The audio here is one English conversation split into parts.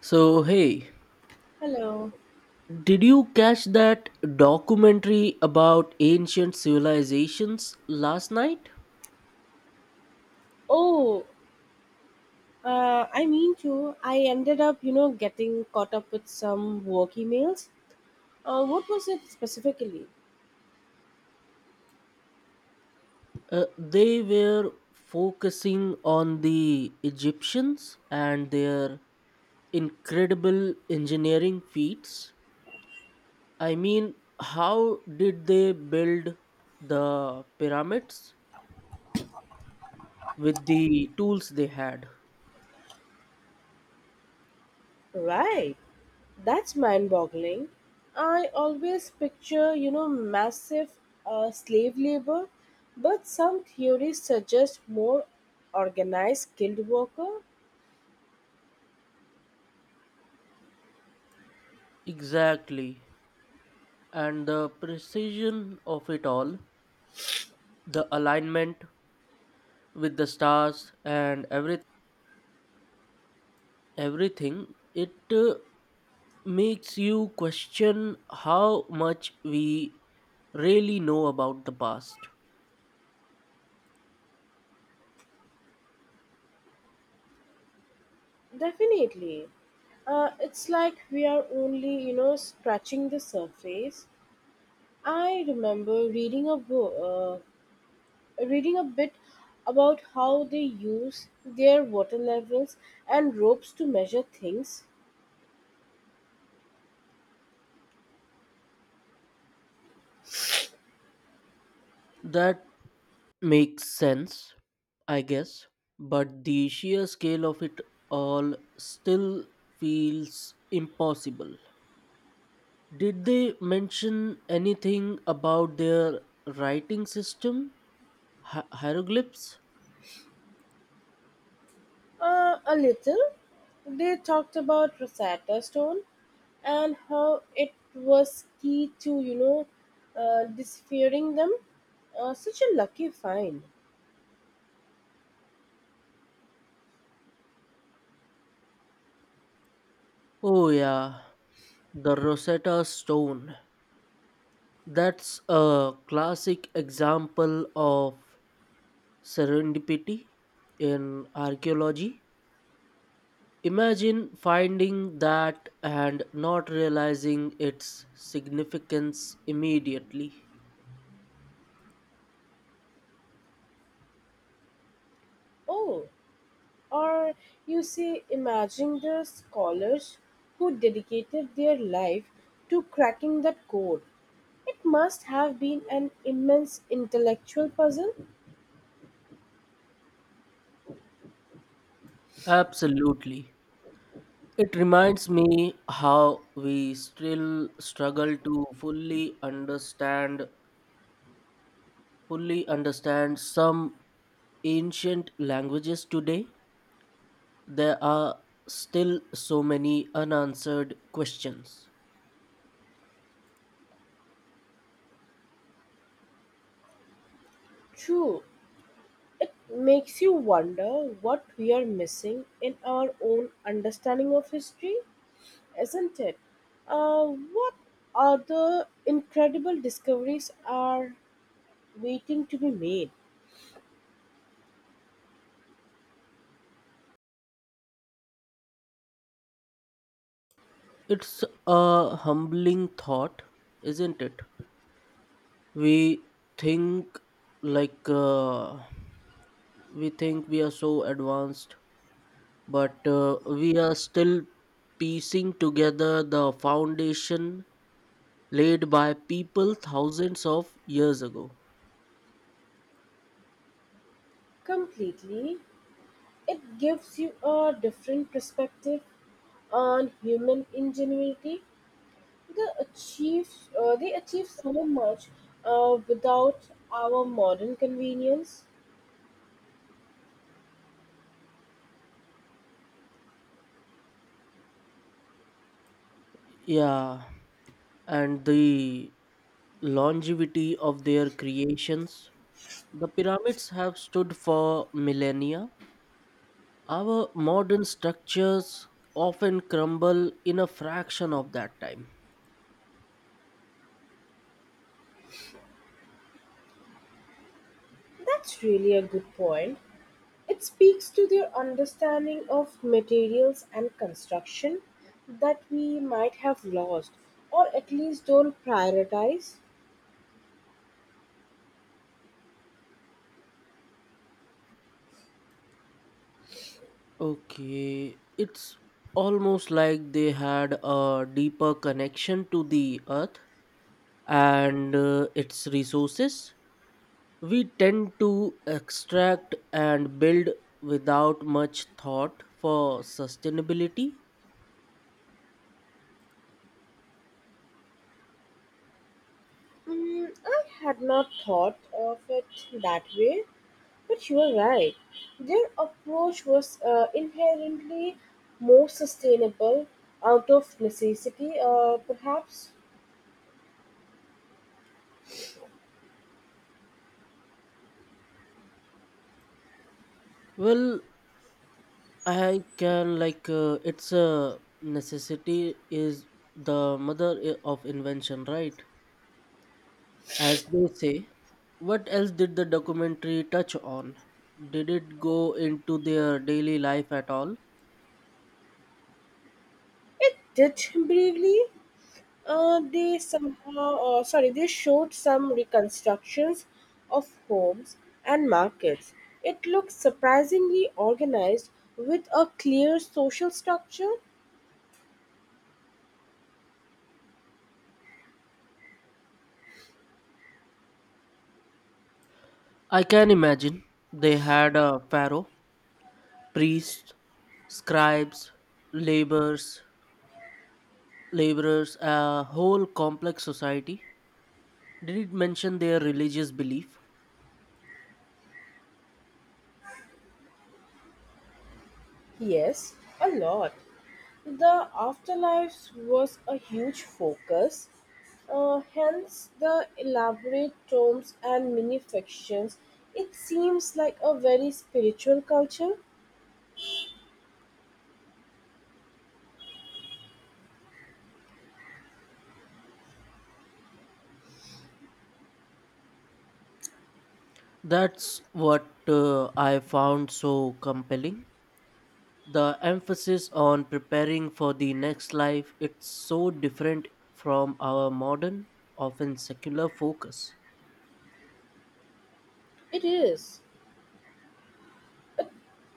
So, hey, Hello. did you catch that documentary about ancient civilizations last night? Oh, I mean to. I ended up, getting caught up with some work emails. What was it specifically? They were focusing on the Egyptians and their incredible engineering feats. I mean, how did they build the pyramids with the tools they had? Right. That's mind-boggling. I always picture, massive slave labor, but some theories suggest more organized skilled worker. Exactly. And the precision of it all, the alignment with the stars and everything it uh, makes you question how much we really know about the past. Definitely. It's like we are only, scratching the surface. I remember reading a book, reading a bit about how they use their water levels and ropes to measure things. That makes sense, I guess, but the sheer scale of it all still feels impossible. Did they mention anything about their writing system? Hieroglyphs. A little. They talked about Rosetta Stone and how it was key to, deciphering them. Such a lucky find. Oh yeah, the Rosetta Stone. That's a classic example of serendipity in archaeology. Imagine finding that and not realizing its significance immediately. Oh, or you see, imagine the scholars who dedicated their life to cracking that code. It must have been an immense intellectual puzzle. Absolutely. It reminds me how we still struggle to fully understand some ancient languages today. There are still so many unanswered questions. True, makes you wonder what we are missing in our own understanding of history, isn't it? Uh, what other incredible discoveries are waiting to be made? It's a humbling thought, isn't it? We think like we think we are so advanced, but we are still piecing together the foundation laid by people thousands of years ago. Completely, it gives you a different perspective on human ingenuity. They achieve they achieve so much without our modern convenience. Yeah, and the longevity of their creations. The pyramids have stood for millennia. Our modern structures often crumble in a fraction of that time. That's really a good point. It speaks to their understanding of materials and construction that we might have lost or at least don't prioritize. Okay, it's almost like they had a deeper connection to the earth and its resources. We tend to extract and build without much thought for sustainability. Mm, I had not thought of it that way. But you are right, their approach was inherently more sustainable out of necessity. Perhaps Well, I can it's a necessity is the mother of invention, right? As they say. What else did the documentary touch on? Did it go into their daily life at all? it did briefly. They showed some reconstructions of homes and markets. It looks surprisingly organized with a clear social structure. I can imagine they had a pharaoh, priests, scribes, laborers, laborers, a whole complex society. Did it mention their religious belief? Yes, a lot. The afterlife was a huge focus, hence the elaborate tombs and mini fictions. It seems like a very spiritual culture. That's what I found so compelling. The emphasis on preparing for the next life, it's so different from our modern, often secular focus. It is.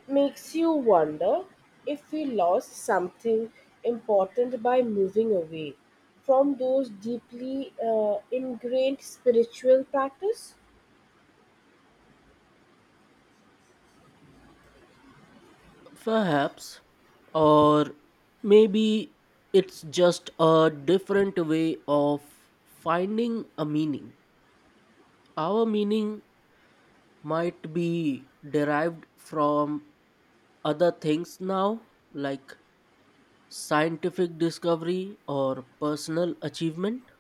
Makes you wonder if we lost something important by moving away from those deeply ingrained spiritual practice. Perhaps, or maybe it's just a different way of finding a meaning. Our meaning might be derived from other things now, like scientific discovery or personal achievement?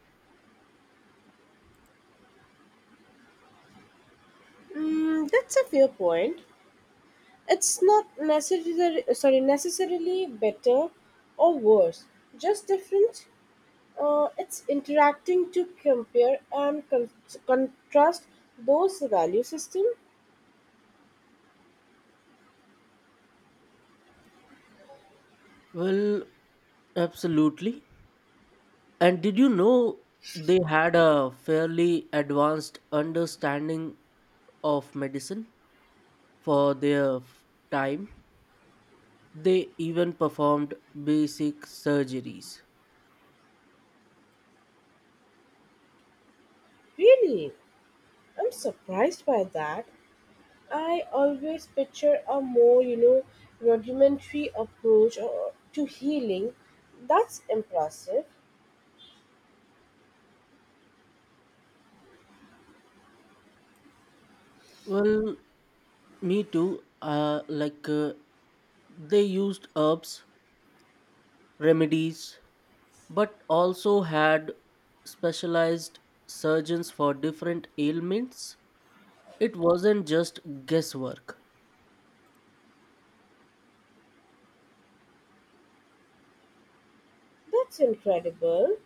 Mm, that's a fair point. It's not necessarily better or worse, just different. It's interacting to compare and contrast those value system. Well, absolutely. And did you know they had a fairly advanced understanding of medicine for their time? They even performed basic surgeries. Really, I'm surprised by that. I always picture a more rudimentary approach to healing. That's impressive. Well, me too. They used herbs, remedies, but also had specialized surgeons for different ailments. It wasn't just guesswork. That's incredible.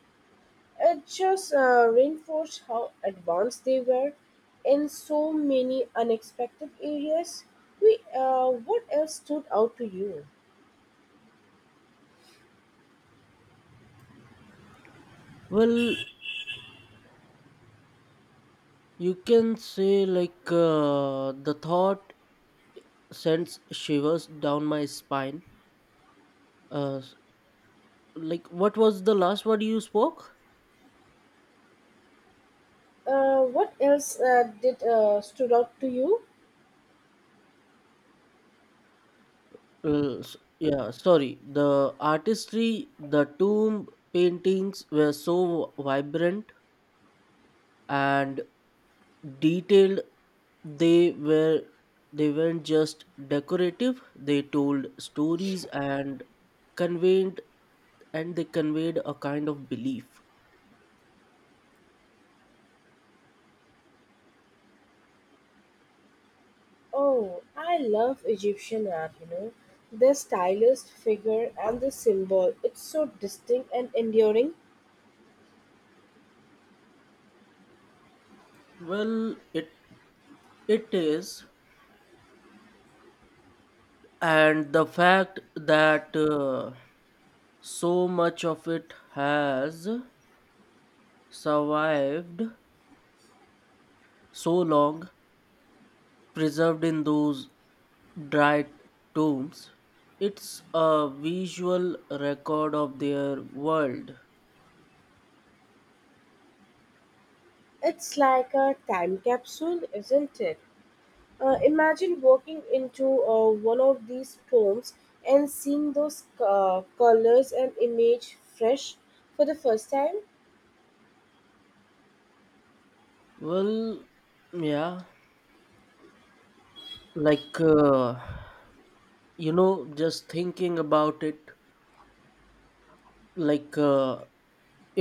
It just reinforced how advanced they were in so many unexpected areas. We, what else stood out to you? Well, you can say the thought sends shivers down my spine, uh, s- like what was the last word you spoke? What else did stood out to you? Yeah, sorry, the artistry, the tomb paintings were so vibrant and detailed. they were they weren't just decorative. They told stories and conveyed and they conveyed a kind of belief. Oh, I love Egyptian art. You know, the stylized figure and the symbol. It's so distinct and enduring. Well, it is, and the fact that so much of it has survived so long, preserved in those dry tombs, it's a visual record of their world. It's like a time capsule, isn't it? Imagine walking into one of these tombs and seeing those colors and image fresh for the first time. Well, yeah, like uh, just thinking about it, like. Uh,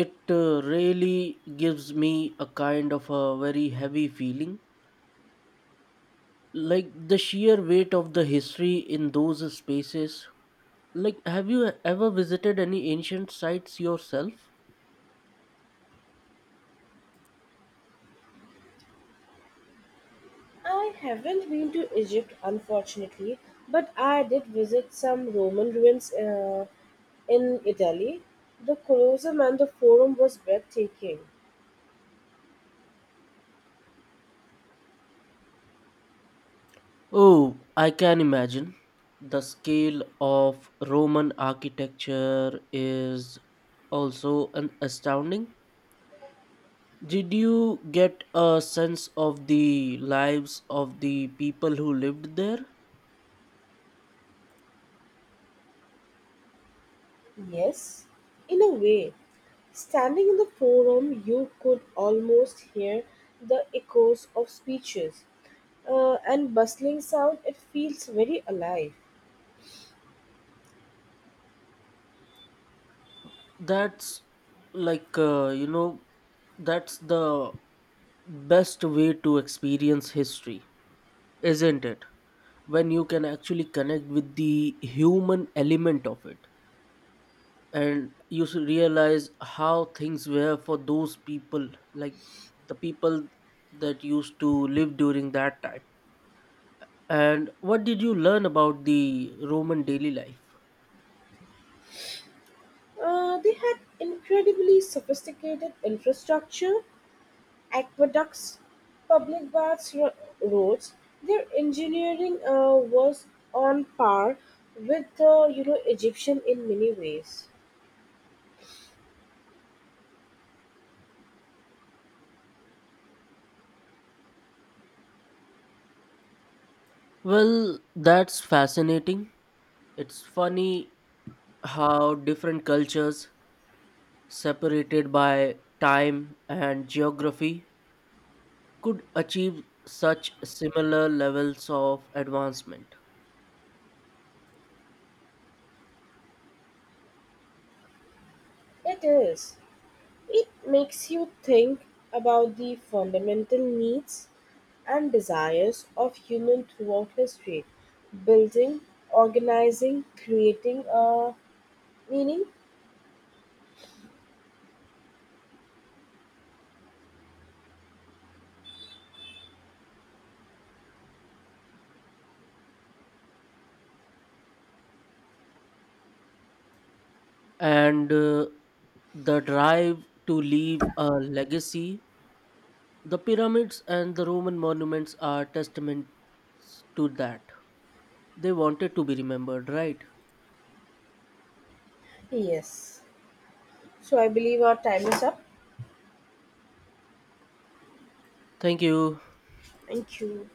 it really gives me a kind of a very heavy feeling. Like the sheer weight of the history in those spaces. Like, have you ever visited any ancient sites yourself? I haven't been to Egypt, unfortunately, but I did visit some Roman ruins in Italy. The Colosseum and the Forum was breathtaking. Oh, I can imagine. The scale of Roman architecture is also an astounding. Did you get a sense of the lives of the people who lived there? Yes, in a way, standing in the forum, you could almost hear the echoes of speeches and bustling sound. It feels very alive. That's like uh, you know that's the best way to experience history, isn't it? When you can actually connect with the human element of it and you should realize how things were for those people, like the people that used to live during that time. And what did you learn about the Roman daily life? They had incredibly sophisticated infrastructure, aqueducts, public baths, roads. Their engineering was on par with the Egyptian in many ways. Well, that's fascinating. It's funny how different cultures, separated by time and geography, could achieve such similar levels of advancement. It is. It makes you think about the fundamental needs and desires of human throughout history building, organizing, creating a meaning. And the drive to leave a legacy, the pyramids and the Roman monuments are testaments to that. They wanted to be remembered, right? Yes. So I believe our time is up. Thank you. Thank you.